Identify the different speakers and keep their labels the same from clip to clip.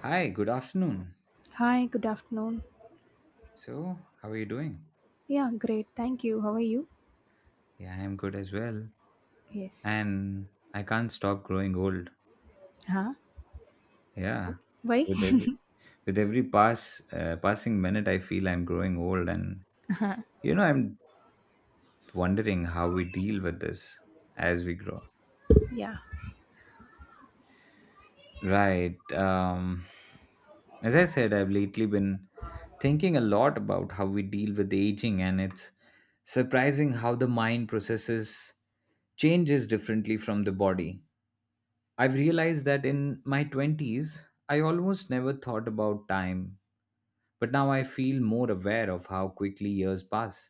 Speaker 1: Hi, good afternoon.
Speaker 2: Hi, good afternoon.
Speaker 1: So, how are you doing?
Speaker 2: Yeah, great. Thank you. How are you?
Speaker 1: Yeah, I'm good as well.
Speaker 2: Yes.
Speaker 1: And I can't stop growing old.
Speaker 2: Huh?
Speaker 1: Yeah.
Speaker 2: Why?
Speaker 1: With every with every passing minute I feel I'm growing old and I'm wondering how we deal with this as we grow.
Speaker 2: Yeah.
Speaker 1: Right. Um as I said, I've lately been thinking a lot about how we deal with aging, and it's surprising how the mind processes changes differently from the body. I've realized that in my 20s, I almost never thought about time, but now I feel more aware of how quickly years pass.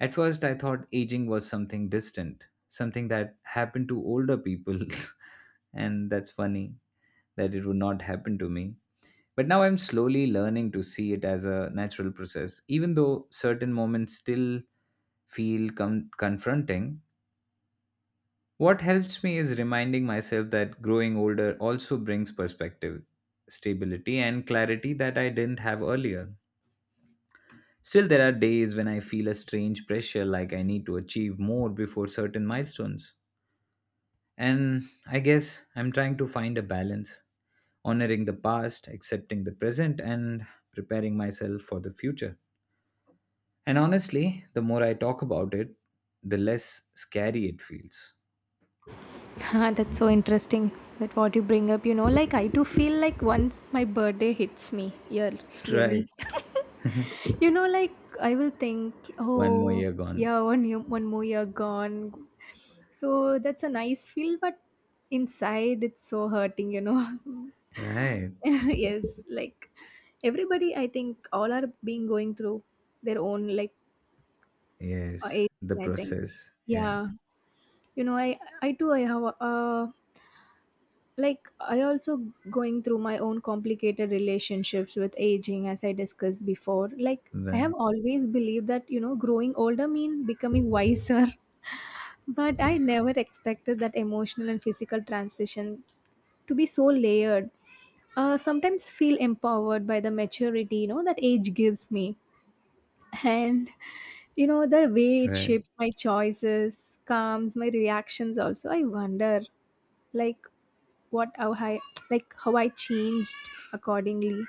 Speaker 1: At first, I thought aging was something distant, something that happened to older people, and that's funny that it would not happen to me. But now I'm slowly learning to see it as a natural process, even though certain moments still feel confronting. What helps me is reminding myself that growing older also brings perspective, stability, and clarity that I didn't have earlier. Still, there are days when I feel a strange pressure like I need to achieve more before certain milestones. And I guess I'm trying to find a balance, honoring the past, accepting the present, and preparing myself for the future. And honestly, the more I talk about it, the less scary it feels.
Speaker 2: That's so interesting that what you bring up, you know, like I do feel like once my birthday hits me year
Speaker 1: Right.
Speaker 2: yearly. You know, like I will think,
Speaker 1: One more
Speaker 2: oh,
Speaker 1: year gone.
Speaker 2: yeah, 1 year, one more year gone. So that's a nice feel, but inside it's so hurting, you know.
Speaker 1: Right.
Speaker 2: Yes, like everybody, I think all are being going through their own like
Speaker 1: Yes,
Speaker 2: age.
Speaker 1: the
Speaker 2: I think,
Speaker 1: process. Yeah,
Speaker 2: yeah, you know, I too, I have like I also going through my own complicated relationships with aging as I discussed before. Like, I
Speaker 1: right,
Speaker 2: have always believed that, you know, growing older mean becoming wiser. But I never expected that emotional and physical transition to be so layered. Sometimes feel empowered by the maturity, you know, that age gives me, and, you know, the way it
Speaker 1: right,
Speaker 2: shapes my choices, calms my reactions. Also I wonder, like, what how I, like, how I changed accordingly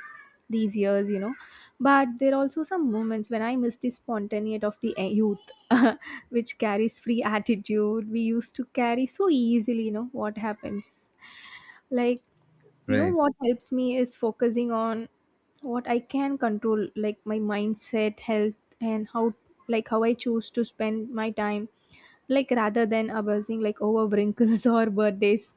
Speaker 2: these years, you know. But there are also some moments when I miss the spontaneity of the youth, which carries free attitude we used to carry so easily, you know, what happens. Like, you know,
Speaker 1: right,
Speaker 2: what helps me is focusing on what I can control, like my mindset, health, and how, like, how I choose to spend my time, like, rather than abusing, like, over wrinkles or birthdays.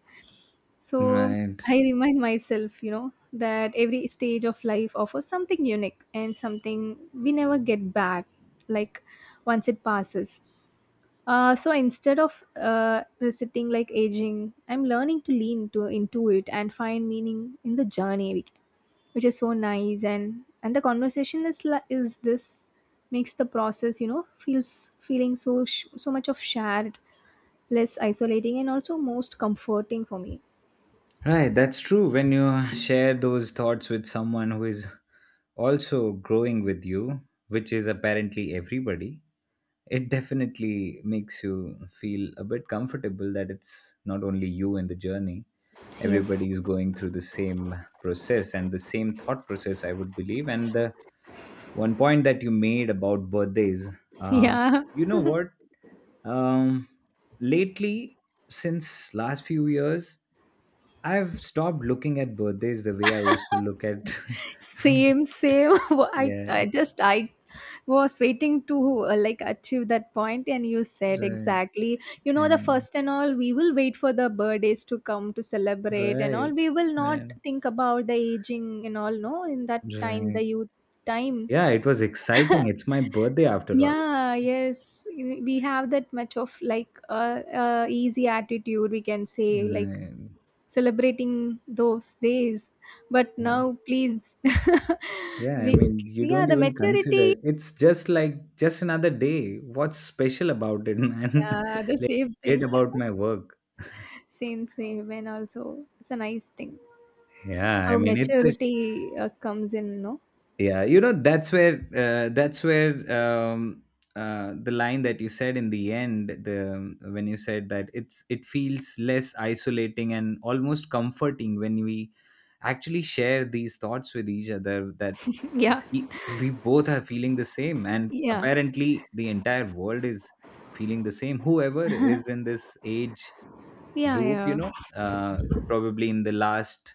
Speaker 2: So
Speaker 1: right,
Speaker 2: I remind myself, you know, that every stage of life offers something unique and something we never get back, like once it passes. So instead of resisting like aging, I'm learning to lean to into it and find meaning in the journey, which is so nice. And the is this makes the process, you know, feels feeling so so much of shared, less isolating, and also most comforting for me.
Speaker 1: right. That's true. When you share those thoughts with someone who is also growing with you, which is apparently everybody, it definitely makes you feel a bit comfortable that it's not only you in the journey.
Speaker 2: Yes.
Speaker 1: Everybody is going through the same process and the same thought process, I would believe. And the one point that you made about birthdays, uh,
Speaker 2: Yeah,
Speaker 1: you know what? Um, lately, since last few years, I've stopped looking at birthdays the way I used to look at.
Speaker 2: same, same. Wha- I,
Speaker 1: Yeah,
Speaker 2: I
Speaker 1: right.
Speaker 2: just I was waiting to like achieve that point, and you said exactly. You know, the
Speaker 1: Yeah,
Speaker 2: first and all, we will wait for the birthdays to come to celebrate and all.
Speaker 1: right.
Speaker 2: We will not
Speaker 1: Right.
Speaker 2: think about the aging and all. No, in that time,
Speaker 1: Right.
Speaker 2: the youth time.
Speaker 1: Yeah, it was exciting. It's my birthday after all.
Speaker 2: Yeah, yes, we have that much of like easy attitude. We can say like
Speaker 1: Right.
Speaker 2: celebrating those days, but
Speaker 1: Yeah.
Speaker 2: now please
Speaker 1: Yeah, I
Speaker 2: we
Speaker 1: mean, you
Speaker 2: yeah
Speaker 1: don't
Speaker 2: the
Speaker 1: even
Speaker 2: maturity
Speaker 1: consider. It's just like just another day. What's special about it, man?
Speaker 2: yeah the
Speaker 1: Like,
Speaker 2: same
Speaker 1: great
Speaker 2: thing.
Speaker 1: about my work.
Speaker 2: Same, same. And also it's a nice thing
Speaker 1: Yeah, I
Speaker 2: how
Speaker 1: mean, it's a
Speaker 2: maturity comes in, no?
Speaker 1: yeah, you know that's where the line that you said in the end, the when you said that it's, it feels less isolating and almost comforting when we actually share these thoughts with each other, that
Speaker 2: Yeah,
Speaker 1: we we both are feeling the same, and
Speaker 2: yeah,
Speaker 1: apparently the entire world is feeling the same, whoever is in this age
Speaker 2: yeah,
Speaker 1: group, you
Speaker 2: yeah,
Speaker 1: know, probably in the last,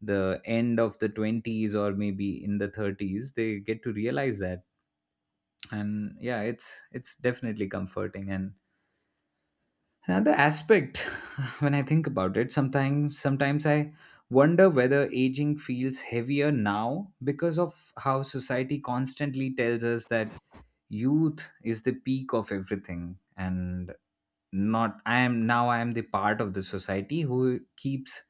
Speaker 1: the end of the 20s, or maybe in the 30s, they get to realize that. And yeah, it's definitely comforting. And another aspect, when I think about it, sometimes I wonder whether aging feels heavier now because of how society constantly tells us that youth is the peak of everything. And not I am now I am the part of the society who keeps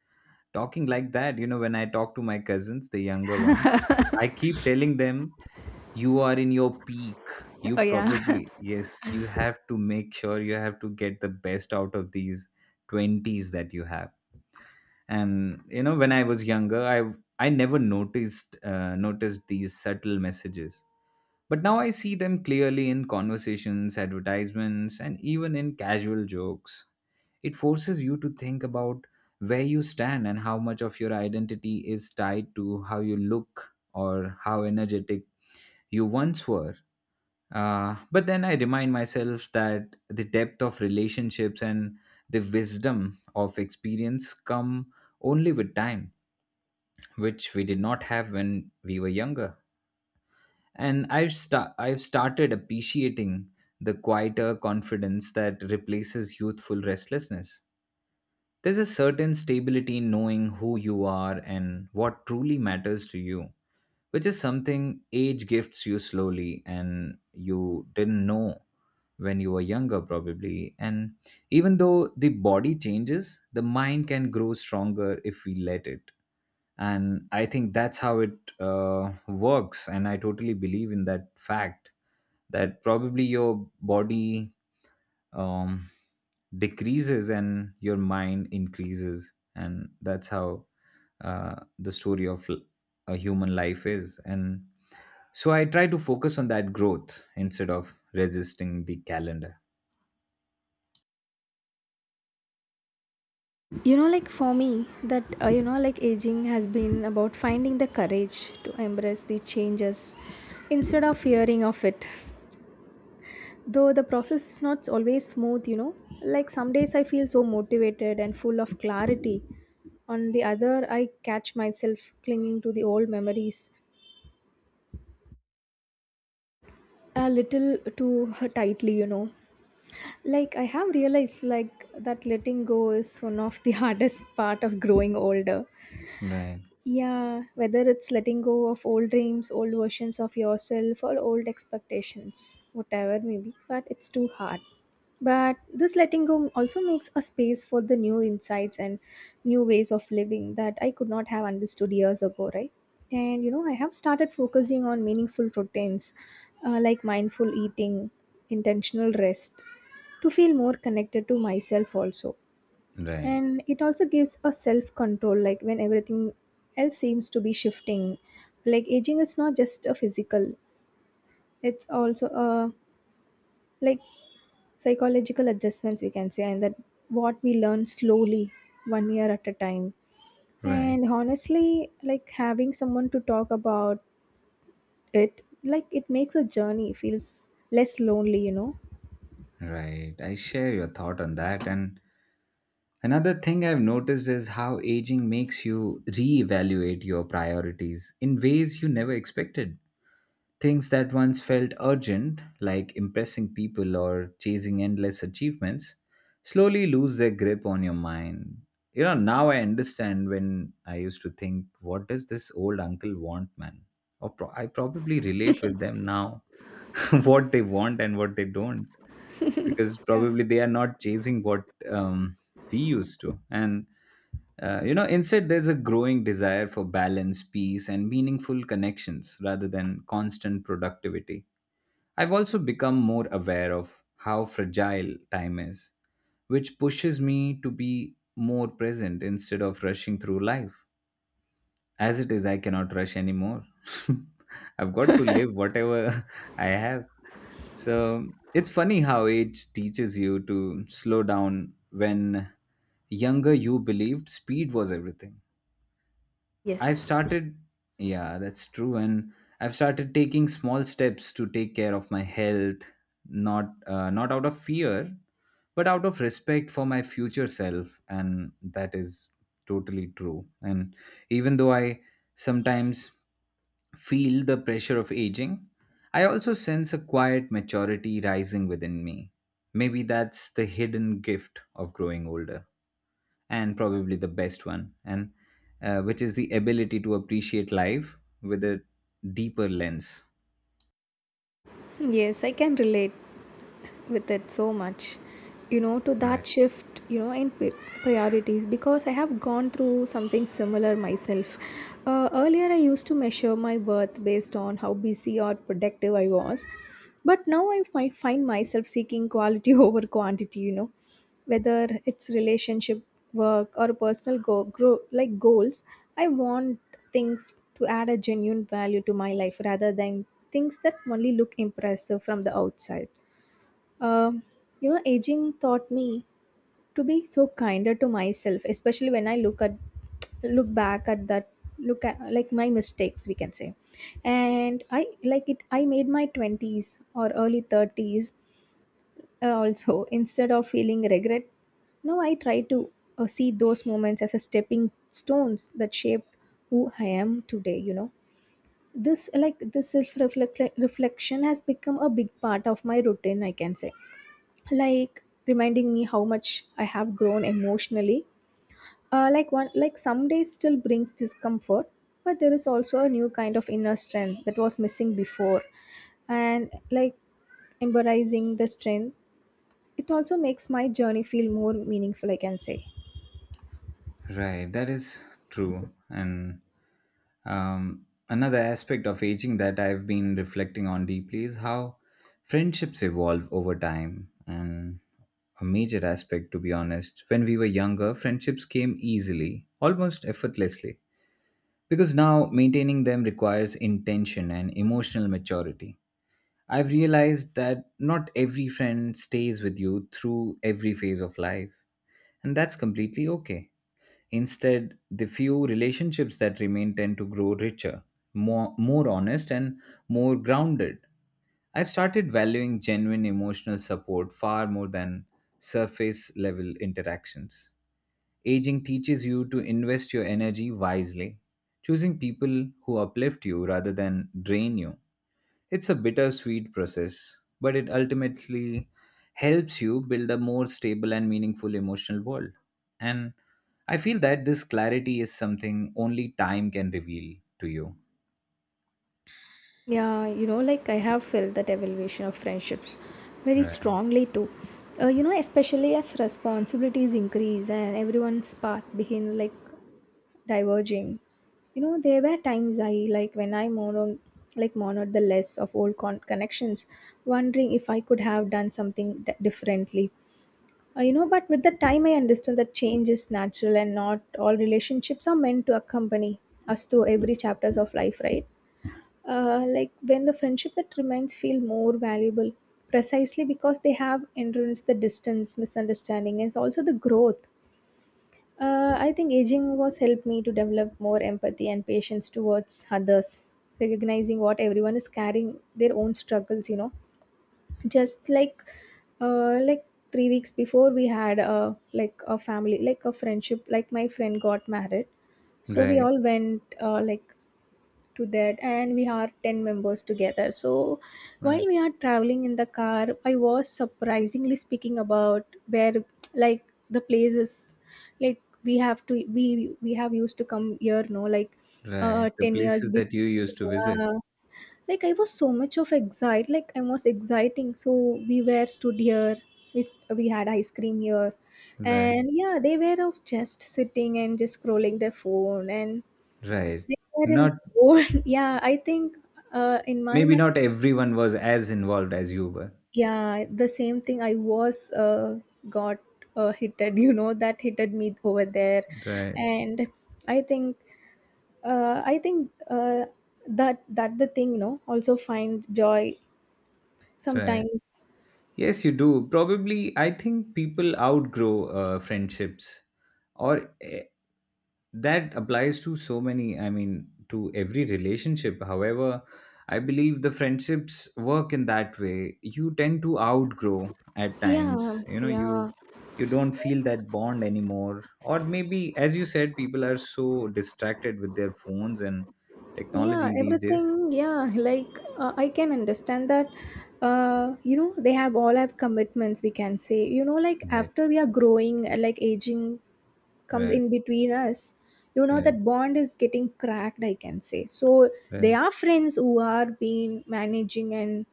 Speaker 1: talking like that. You know, when I talk to my cousins, the younger ones, I keep telling them, you are in your peak, you
Speaker 2: oh yeah.
Speaker 1: probably, yes, you have to make sure, you have to get the best out of these 20s that you have. And you know, when I was younger, I never noticed these subtle messages, but now I see them clearly in conversations, advertisements, and even in casual jokes. It forces you to think about where you stand and how much of your identity is tied to how you look or how energetic you once were. But then I remind myself that the depth of relationships and the wisdom of experience come only with time, which we did not have when we were younger. And I've started appreciating the quieter confidence that replaces youthful restlessness. There's a certain stability in knowing who you are and what truly matters to you, which is something age gifts you slowly and you didn't know when you were younger, probably. And even though the body changes, the mind can grow stronger if we let it. And I think that's how it works. And I totally believe in that fact that probably your body um, decreases and your mind increases, and that's how the story of a human life is. And so I try to focus on that growth instead of resisting the calendar.
Speaker 2: You know, like for me that, you know, like aging has been about finding the courage to embrace the changes instead of fearing of it. Though the process is not always smooth, you know, like some days I feel so motivated and full of clarity. On the other, I catch myself clinging to the old memories a little too tightly, you know. Like, I have realized like that letting go is one of the hardest part of growing older.
Speaker 1: Right,
Speaker 2: Yeah, whether it's letting go of old dreams, old versions of yourself, or old expectations, whatever maybe, but it's too hard. But this letting go also makes a space for the new insights and new ways of living that I could not have understood years ago, right? And you know, I have started focusing on meaningful routines, like mindful eating, intentional rest, to feel more connected to myself also,
Speaker 1: right,
Speaker 2: and it also gives a self control, like when everything else seems to be shifting. Like aging is not just a physical, it's also a, like, psychological adjustments, we can say. And that what we learn slowly, 1 year at a time.
Speaker 1: right,
Speaker 2: And honestly, like having someone to talk about it, like it makes a journey feels less lonely, you know.
Speaker 1: right. I share your thought on that. And another thing I've noticed is how aging makes you reevaluate your priorities in ways you never expected. Things that once felt urgent, like impressing people or chasing endless achievements, slowly lose their grip on your mind. You know, now I understand when I used to think, what does this old uncle want, man? Or I probably relate with them now, what they want and what they don't, because
Speaker 2: Yeah.
Speaker 1: probably they are not chasing what um, we used to. And you know, instead, there's a growing desire for balance, peace, and meaningful connections rather than constant productivity. I've also become more aware of how fragile time is, which pushes me to be more present instead of rushing through life. As it is, I cannot rush anymore. I've got to live whatever I have. So it's funny how age teaches you to slow down when younger you believed speed was everything. I've
Speaker 2: Yes.
Speaker 1: started, yeah, that's true. And I've started taking small steps to take care of my health, not out of fear, but out of respect for my future self. And that is totally true. And even though I sometimes feel the pressure of aging, I also sense a quiet maturity rising within me. Maybe that's the hidden gift of growing older, and probably the best one, and which is the ability to appreciate life with a deeper lens.
Speaker 2: Yes, I can relate with it so much, you know, to that
Speaker 1: Right,
Speaker 2: shift, you know, in priorities, because I have gone through something similar myself. Earlier I used to measure my worth based on how busy or productive I was, but now I find myself seeking quality over quantity, you know, whether it's relationship, work, or personal go- grow like goals. I want things to add a genuine value to my life rather than things that only look impressive from the outside. um, you know, aging taught me to be so kinder to myself, especially when I look back at that look at like my mistakes, we can say, and I like it I made my 20s or early 30s, also. Instead of feeling regret, now I try to see those moments as a stepping stones that shaped who I am today, you know. This self reflection has become a big part of my routine, I can say, like reminding me how much I have grown emotionally. Like one, like some days still brings discomfort, but there is also a new kind of inner strength that was missing before. And like embracing the strength, it also makes my journey feel more meaningful, I can say.
Speaker 1: right, that is true. And another aspect of aging that I've been reflecting on deeply is how friendships evolve over time. And a major aspect, to be honest, when we were younger, friendships came easily, almost effortlessly. Because now maintaining them requires intention and emotional maturity. I've realized that not every friend stays with you through every phase of life, and that's completely okay. Instead, the few relationships that remain tend to grow richer, more honest, and more grounded. I've started valuing genuine emotional support far more than surface level interactions. Aging teaches you to invest your energy wisely, choosing people who uplift you rather than drain you. It's a bittersweet process, but it ultimately helps you build a more stable and meaningful emotional world. And I feel that this clarity is something only time can reveal to you.
Speaker 2: Yeah, you know, like I have felt that evaluation of friendships very
Speaker 1: Right,
Speaker 2: strongly too. You
Speaker 1: right,
Speaker 2: know, especially as responsibilities increase and everyone's path begin like diverging. You know, there were times I like when I mono like mourned the less of old connections, wondering if I could have done something differently. You know, but with the time I understood that change is natural and not all relationships are meant to accompany us through every chapters of life, right? Like when the friendship that remains feel more valuable precisely because they have endurance the distance misunderstanding and also the growth. I think aging was helped me to develop more empathy and patience towards others, recognizing what everyone is carrying their own struggles. You know, just like 3 weeks before we had a like a family, like a friendship. Like my friend got married, so we
Speaker 1: right,
Speaker 2: all went like to that, and we are 10 members together. So while
Speaker 1: right,
Speaker 2: we are traveling in the car, I was surprisingly speaking about where, like, the places, like, we have used to come here, no, like
Speaker 1: right. The
Speaker 2: 10 years
Speaker 1: places
Speaker 2: before,
Speaker 1: that you used to visit.
Speaker 2: yeah. Like I was so much of excite like I was exciting, so we were stood here, we had ice cream here,
Speaker 1: Right,
Speaker 2: and yeah, they were of just sitting and just scrolling their phone, and
Speaker 1: right.
Speaker 2: they were in
Speaker 1: Not
Speaker 2: their own. Yeah, I think, in my
Speaker 1: maybe
Speaker 2: mind,
Speaker 1: not everyone was as involved as you were.
Speaker 2: yeah, the same thing. I was got hitted. You know, that hitted me over there.
Speaker 1: Right,
Speaker 2: And I think, uh, I think uh, that that the thing. You know, also find joy
Speaker 1: right.
Speaker 2: sometimes.
Speaker 1: Yes, you do. Probably, I think people outgrow friendships, or that applies to so many, I mean to every relationship. However, I believe the friendships work in that way, you tend to outgrow at
Speaker 2: Yeah,
Speaker 1: times, you know,
Speaker 2: yeah,
Speaker 1: you don't feel that bond anymore, or maybe as you said, people are so distracted with their phones and
Speaker 2: yeah.
Speaker 1: technology these days.
Speaker 2: Everything. Yeah, like, I can understand that. You know, they have all have commitments, we can say. You know, like
Speaker 1: Right,
Speaker 2: after we are growing, like aging comes
Speaker 1: right,
Speaker 2: in between us, you know,
Speaker 1: right,
Speaker 2: that bond is getting cracked, I can say. So they
Speaker 1: right,
Speaker 2: are friends who are being managing and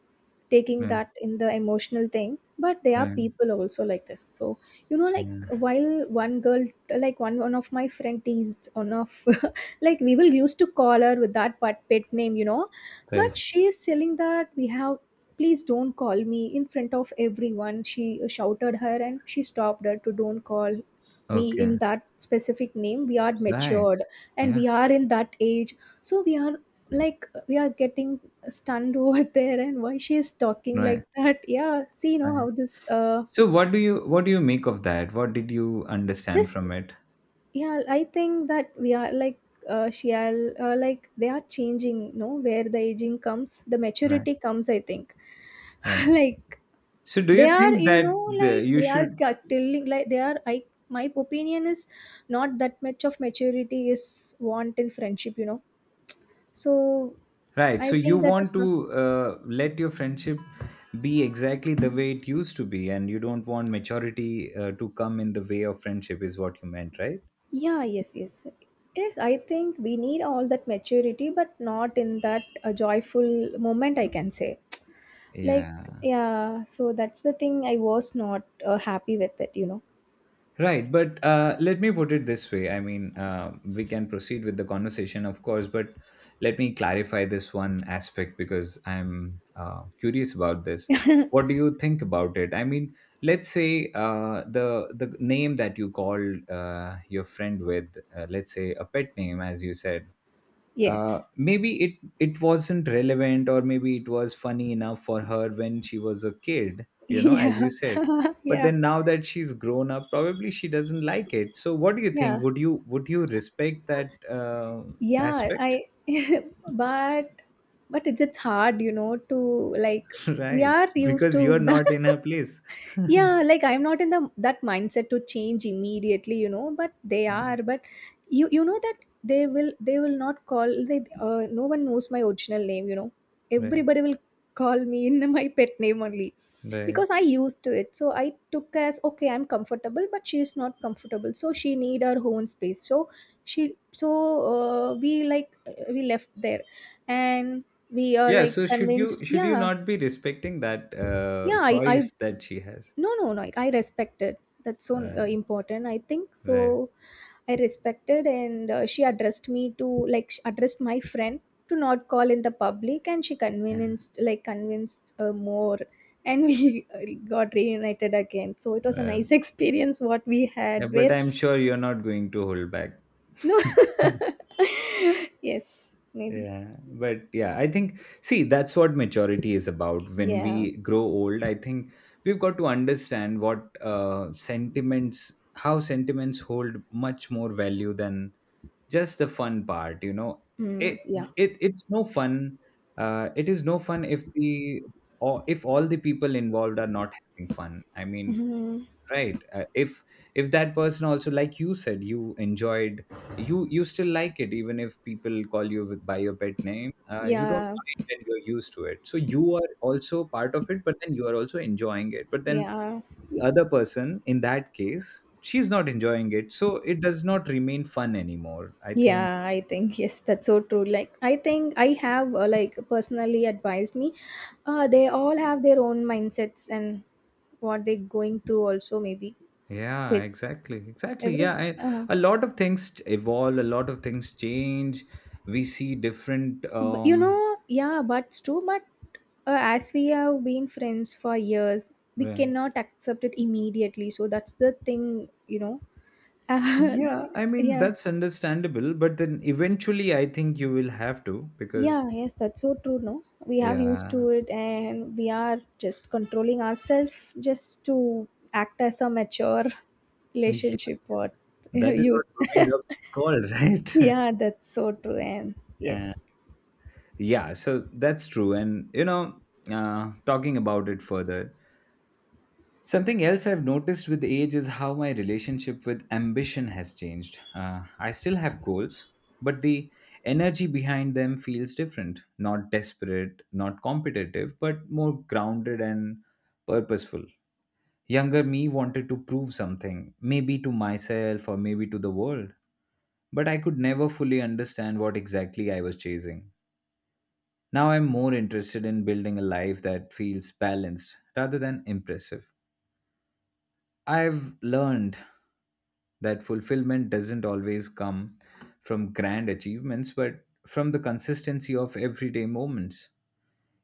Speaker 2: taking
Speaker 1: right,
Speaker 2: that in the emotional thing, but there are
Speaker 1: right,
Speaker 2: people also like this. So, you know, like
Speaker 1: yeah,
Speaker 2: while one girl, like, one of my friend teased one of like we will used to call her with that, but pet name, you know.
Speaker 1: right,
Speaker 2: But she is telling that we have, please don't call me in front of everyone, she shouted her, and she stopped her to don't call me in
Speaker 1: okay,
Speaker 2: that specific name. We are
Speaker 1: right,
Speaker 2: matured and
Speaker 1: yeah,
Speaker 2: we are in that age, so we are like we are getting stunned over there and why she is talking
Speaker 1: right,
Speaker 2: like that. Yeah, see, you know,
Speaker 1: right.
Speaker 2: how this
Speaker 1: So what do you, what do you make of that? What did you understand
Speaker 2: just
Speaker 1: from it?
Speaker 2: yeah, I think that we are like, she are, like they are changing, no, where the aging comes, the
Speaker 1: Right,
Speaker 2: maturity comes, I think.
Speaker 1: right.
Speaker 2: Like,
Speaker 1: So do you
Speaker 2: they are,
Speaker 1: think
Speaker 2: you
Speaker 1: that
Speaker 2: know,
Speaker 1: the,
Speaker 2: like
Speaker 1: you
Speaker 2: they are
Speaker 1: should,
Speaker 2: telling like they are, I, my opinion is, not that much of maturity is want in friendship, you know. So
Speaker 1: right?
Speaker 2: I
Speaker 1: So you
Speaker 2: think that
Speaker 1: want
Speaker 2: is not,
Speaker 1: to let your friendship be exactly the way it used to be, and you don't want maturity to come in the way of friendship, is what you meant, right?
Speaker 2: yeah, yes, yes, yes, I think we need all that maturity, but not in that a joyful moment, I can say. Like,
Speaker 1: Yeah.
Speaker 2: yeah, so that's the thing, I was not happy with it, you know.
Speaker 1: Right, but let me put it this way. I mean, we can proceed with the conversation, of course, but let me clarify this one aspect because I'm curious about this. What do you think about it? I mean, let's say the name that you called your friend with, let's say a pet name, as you said,
Speaker 2: Yes.
Speaker 1: maybe it, it wasn't relevant, or maybe it was funny enough for her when she was a kid, you know, as you
Speaker 2: Yeah.
Speaker 1: said, but
Speaker 2: Yeah,
Speaker 1: then now that she's grown up, probably she doesn't like it. So what do you think,
Speaker 2: yeah,
Speaker 1: would you, would you respect that
Speaker 2: yeah,
Speaker 1: aspect?
Speaker 2: I but but it's hard, you know, to like we
Speaker 1: Right,
Speaker 2: are used
Speaker 1: because
Speaker 2: to
Speaker 1: you're
Speaker 2: that.
Speaker 1: not in her place.
Speaker 2: Yeah, like I'm not in the that mindset to change immediately, you know, but they are. But you know that they will not call, they no one knows my original name, you know.
Speaker 1: Right,
Speaker 2: Everybody will call me in my pet name only,
Speaker 1: right.
Speaker 2: because I used to it. So I took as okay, I'm comfortable, but she is not comfortable. So she need her own space. So she so we we left there and we are
Speaker 1: Yeah,
Speaker 2: like
Speaker 1: so should you,
Speaker 2: convinced,
Speaker 1: should you
Speaker 2: yeah.
Speaker 1: not be respecting that
Speaker 2: Yeah, I
Speaker 1: choice that she has?
Speaker 2: no, I respected. That's so
Speaker 1: Right,
Speaker 2: important, I think so.
Speaker 1: right,
Speaker 2: I respected, and she addressed me to, like, she addressed my friend to not call in the public, and she
Speaker 1: yeah,
Speaker 2: convinced, like convinced, more, and we got reunited again. So it was a
Speaker 1: right.
Speaker 2: nice experience what we
Speaker 1: Yeah,
Speaker 2: had
Speaker 1: but I'm
Speaker 2: with.
Speaker 1: sure you're not going to hold back.
Speaker 2: No. yes, maybe.
Speaker 1: Yeah, but yeah, I think, see, that's what maturity is about. When
Speaker 2: Yeah.
Speaker 1: we grow old, I think we've got to understand what sentiments, how sentiments hold much more value than just the fun part, you know. It,
Speaker 2: Yeah.
Speaker 1: it it's no fun. It is no fun if the or if all the people involved are not having fun. I mean,
Speaker 2: Mhm.
Speaker 1: right if that person also, like you said, you enjoyed, you still like it even if people call you by your pet name. You don't
Speaker 2: Yeah,
Speaker 1: mind when you're used to it, so you are also part of it, but then you are also enjoying it. But then
Speaker 2: yeah.
Speaker 1: the other person, in that case, she's not enjoying it, so it does not remain fun anymore, I think.
Speaker 2: Yeah, I think, yes, that's so true. Like, I think I have, like, personally advised me. They all have their own mindsets and what they're going through. Also, maybe
Speaker 1: Yeah,
Speaker 2: it's
Speaker 1: exactly, exactly,
Speaker 2: every.
Speaker 1: yeah,
Speaker 2: Uh,
Speaker 1: a lot of things evolve, a lot of things change. We see different
Speaker 2: but, you know, yeah, but it's true. But as we have been friends for years, we
Speaker 1: uh,
Speaker 2: cannot accept it immediately. So that's the thing, you know. Uh,
Speaker 1: yeah. I mean,
Speaker 2: yeah.
Speaker 1: that's understandable, but then eventually I think you will have to, because,
Speaker 2: Yeah, yes, that's so true. No, we have used
Speaker 1: yeah,
Speaker 2: to it, and we are just controlling ourselves just to act as a mature
Speaker 1: yeah,
Speaker 2: relationship or
Speaker 1: that is
Speaker 2: youth.
Speaker 1: what growing up is called, right?
Speaker 2: Yeah, that's so true. And
Speaker 1: Uh,
Speaker 2: yes.
Speaker 1: yeah, so that's true. And talking about it further, something else I've noticed with age is how my relationship with ambition has changed. I still have goals, but the energy behind them feels different, not desperate, not competitive, but more grounded and purposeful. Younger me wanted to prove something, maybe to myself or maybe to the world, but I could never fully understand what exactly I was chasing. Now I'm more interested in building a life that feels balanced rather than impressive. I've learned that fulfillment doesn't always come from grand achievements, but from the consistency of everyday moments.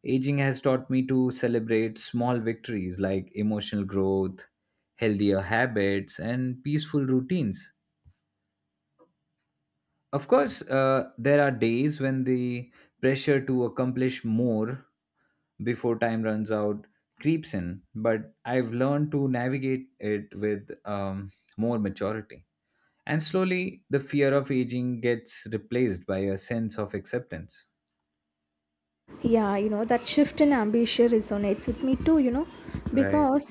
Speaker 1: Aging has taught me to celebrate small victories like emotional growth, healthier habits, and peaceful routines. Of course, there are days when the pressure to accomplish more before time runs out creeps in, but I've learned to navigate it with more maturity. And slowly, the fear of aging gets replaced by a sense of acceptance.
Speaker 2: Yeah, you know, that shift in ambition resonates with me too, you know,
Speaker 1: Right.
Speaker 2: because,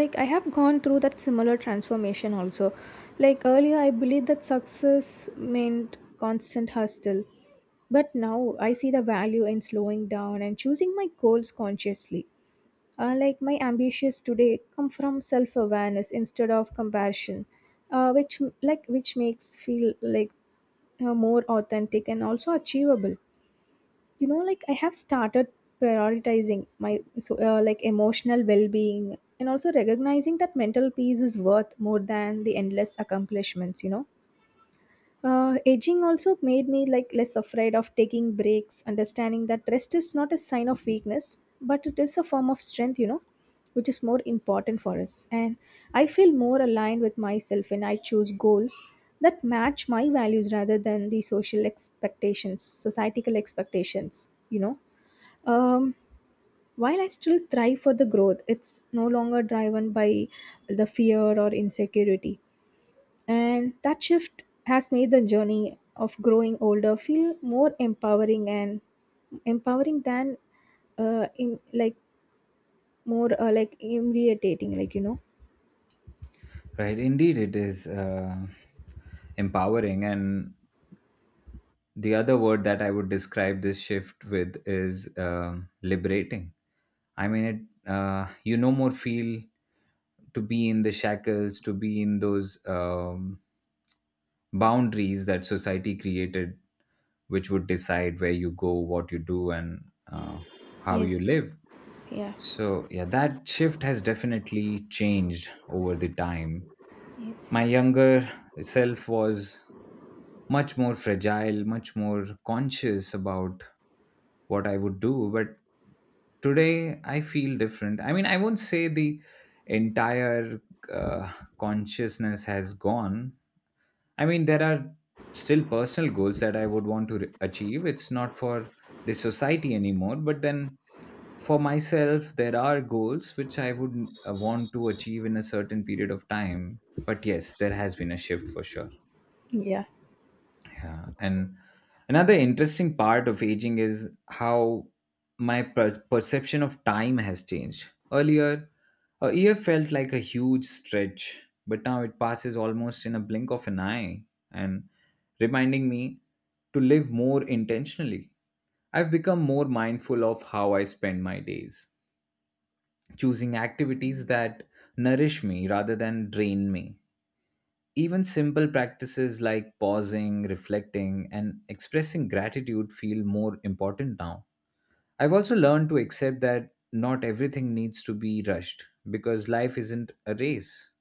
Speaker 2: like, I have gone through that similar transformation also. Like, earlier I believed that success meant constant hustle, but now I see the value in slowing down and choosing my goals consciously. Like, my ambitions today come from self-awareness instead of compassion, which, like which makes feel like more authentic and also achievable, you know. Like, I have started prioritizing my, like, emotional well-being, and also recognizing that mental peace is worth more than the endless accomplishments, you know. Aging also made me, like, less afraid of taking breaks, understanding that rest is not a sign of weakness, but it is a form of strength, you know, which is more important for us. And I feel more aligned with myself when I choose goals that match my values rather than the social expectations, societal expectations, you know. um, while I still thrive for the growth, it's no longer driven by the fear or insecurity. And that shift has made the journey of growing older feel more empowering and empowering than in, like more like irritating, like, you know.
Speaker 1: Right. Indeed, it is. Empowering and the other word that I would describe this shift with is liberating. I mean, you no more feel to be in the shackles, to be in those boundaries that society created, which would decide where you go, what you do, and uh, how
Speaker 2: Yes,
Speaker 1: you live.
Speaker 2: yeah,
Speaker 1: So, yeah, that shift has definitely changed over the time. My
Speaker 2: yes.
Speaker 1: younger self was much more fragile, much more conscious about what I would do. But today I feel different. I mean, I won't say the entire uh, consciousness has gone. I mean, there are still personal goals that I would want to achieve. It's not for the society anymore, but then for myself, there are goals which I would want to achieve in a certain period of time. But yes, there has been a shift for sure.
Speaker 2: Yeah.
Speaker 1: Yeah. And another interesting part of aging is how my perception of time has changed. Earlier, a year felt like a huge stretch, but now it passes almost in a blink of an eye and reminding me to live more intentionally. I've become more mindful of how I spend my days, choosing activities that nourish me rather than drain me. Even simple practices like pausing, reflecting, and expressing gratitude feel more important now. I've also learned to accept that not everything needs to be rushed because life isn't a race.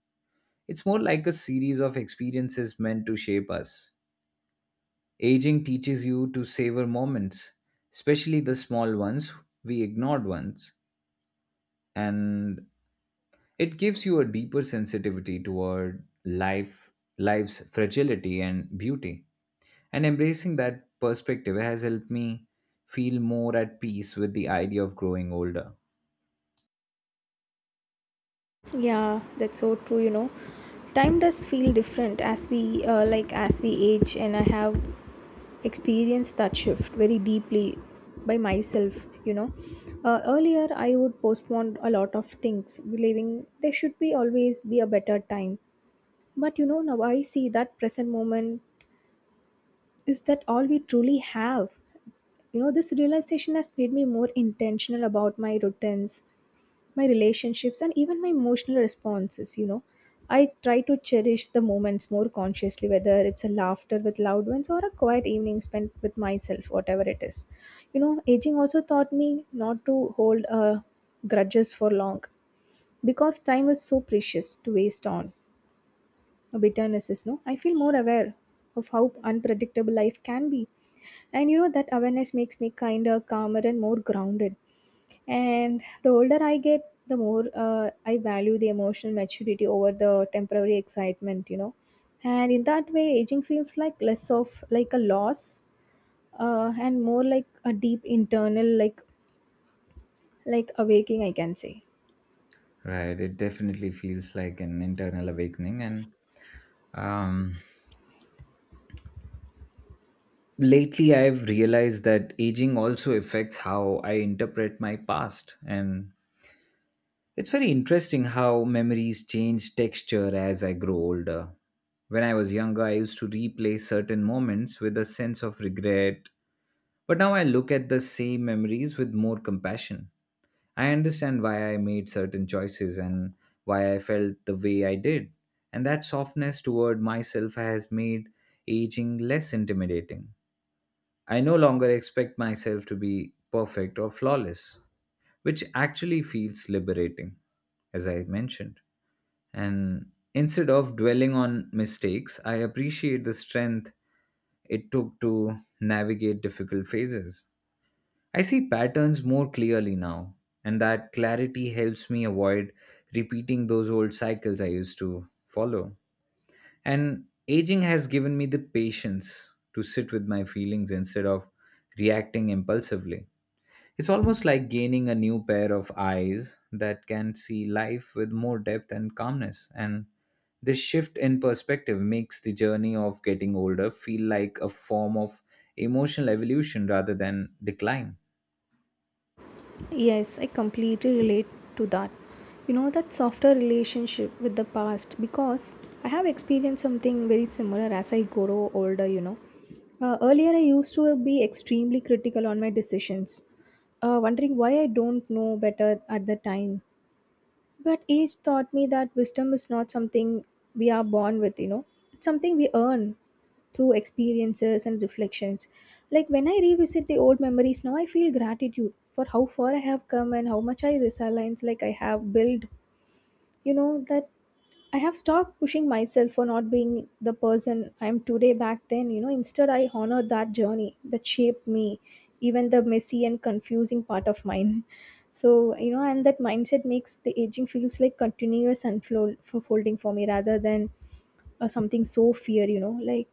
Speaker 1: It's more like a series of experiences meant to shape us. Aging teaches you to savor moments, especially the small ones, we ignored ones, and it gives you a deeper sensitivity toward life, life's fragility and beauty. And embracing that perspective has helped me feel more at peace with the idea of growing older.
Speaker 2: Yeah, that's so true, you know. Time does feel different as we, like, as we age, and I have experienced that shift very deeply by myself, you know. Earlier I would postpone a lot of things, believing there should be always be a better time. But you know, now I see that present moment is that all we truly have. You know, this realization has made me more intentional about my routines, my relationships, and even my emotional responses, you know. I try to cherish the moments more consciously, whether it's a laughter with loved ones or a quiet evening spent with myself, whatever it is, you know. Aging also taught me not to hold grudges for long because time is so precious to waste on bitterness is no. I feel more aware of how unpredictable life can be, and you know, that awareness makes me kinder, calmer, and more grounded. And the older I get, the more I value the emotional maturity over the temporary excitement, you know. And in that way, aging feels like less of like a loss, and more like a deep internal, like awaking, I can say.
Speaker 1: Right, it definitely feels like an internal awakening. And um, lately, I've realized that aging also affects how I interpret my past. And it's very interesting how memories change texture as I grow older. When I was younger, I used to replay certain moments with a sense of regret, but now I look at the same memories with more compassion. I understand why I made certain choices and why I felt the way I did. And that softness toward myself has made aging less intimidating. I no longer expect myself to be perfect or flawless, which actually feels liberating, as I mentioned. And instead of dwelling on mistakes, I appreciate the strength it took to navigate difficult phases. I see patterns more clearly now, and that clarity helps me avoid repeating those old cycles I used to follow. And aging has given me the patience to sit with my feelings instead of reacting impulsively. It's almost like gaining a new pair of eyes that can see life with more depth and calmness. And this shift in perspective makes the journey of getting older feel like a form of emotional evolution rather than decline.
Speaker 2: Yes, I completely relate to that. You know, that softer relationship with the past, because I have experienced something very similar as I grow older, you know. Earlier, I used to be extremely critical on my decisions, wondering why I don't know better at the time. But age taught me that wisdom is not something we are born with, you know, it's something we earn through experiences and reflections. Like, when I revisit the old memories now, I feel gratitude for how far I have come and how much I resilience, like, I have built. You know that I have stopped pushing myself for not being the person I am today back then, you know. Instead, I honor that journey that shaped me, even the messy and confusing part of mine. so, you know, and that mindset makes the aging feels like continuous unfold for folding for me rather than something so fear, you know, like.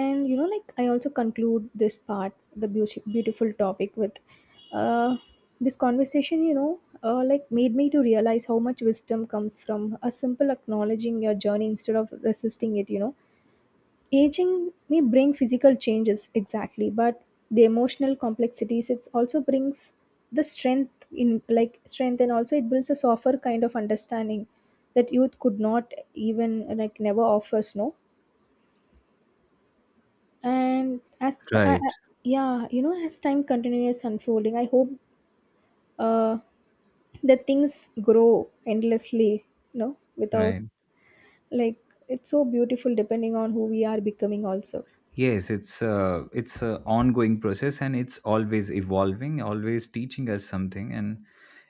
Speaker 2: And you know, like, I also conclude this part, the beautiful topic, with uh, this conversation, you know. Like, made me to realize how much wisdom comes from a simple acknowledging your journey instead of resisting it, you know. Aging may bring physical changes, exactly, but the emotional complexities it also brings, the strength in like strength, and also it builds a softer kind of understanding that youth could not even, like, never offers, no. and as t-
Speaker 1: Right.
Speaker 2: I- Yeah, you know, as time continues unfolding, I hope uh that things grow endlessly, you know, without,
Speaker 1: Right.
Speaker 2: like, it's so beautiful, depending on who we are becoming also.
Speaker 1: Yes, it's a ongoing process, and it's always evolving, always teaching us something, and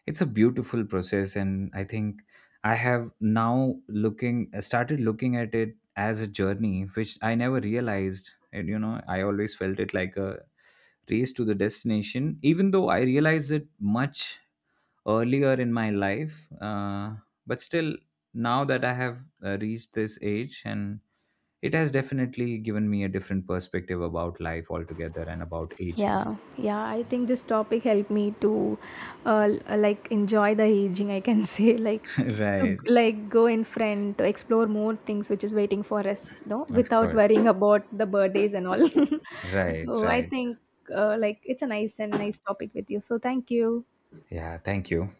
Speaker 1: it's a beautiful process. And I think I have now looking started looking at it as a journey, which I never realized. And you know, I always felt it like a race to the destination, even though I realized it much earlier in my life. But still, now that I have reached this age and it has definitely given me a different perspective about life altogether and about aging.
Speaker 2: Yeah, yeah, I think this topic helped me to like, enjoy the aging, I can say, like,
Speaker 1: right.
Speaker 2: like, go in front to explore more things which is waiting for us, no,
Speaker 1: Of
Speaker 2: without
Speaker 1: course.
Speaker 2: worrying about the birthdays and all.
Speaker 1: Right,
Speaker 2: so I
Speaker 1: right.
Speaker 2: think, like, it's a nice and nice topic with you, so thank you.
Speaker 1: Yeah, thank you.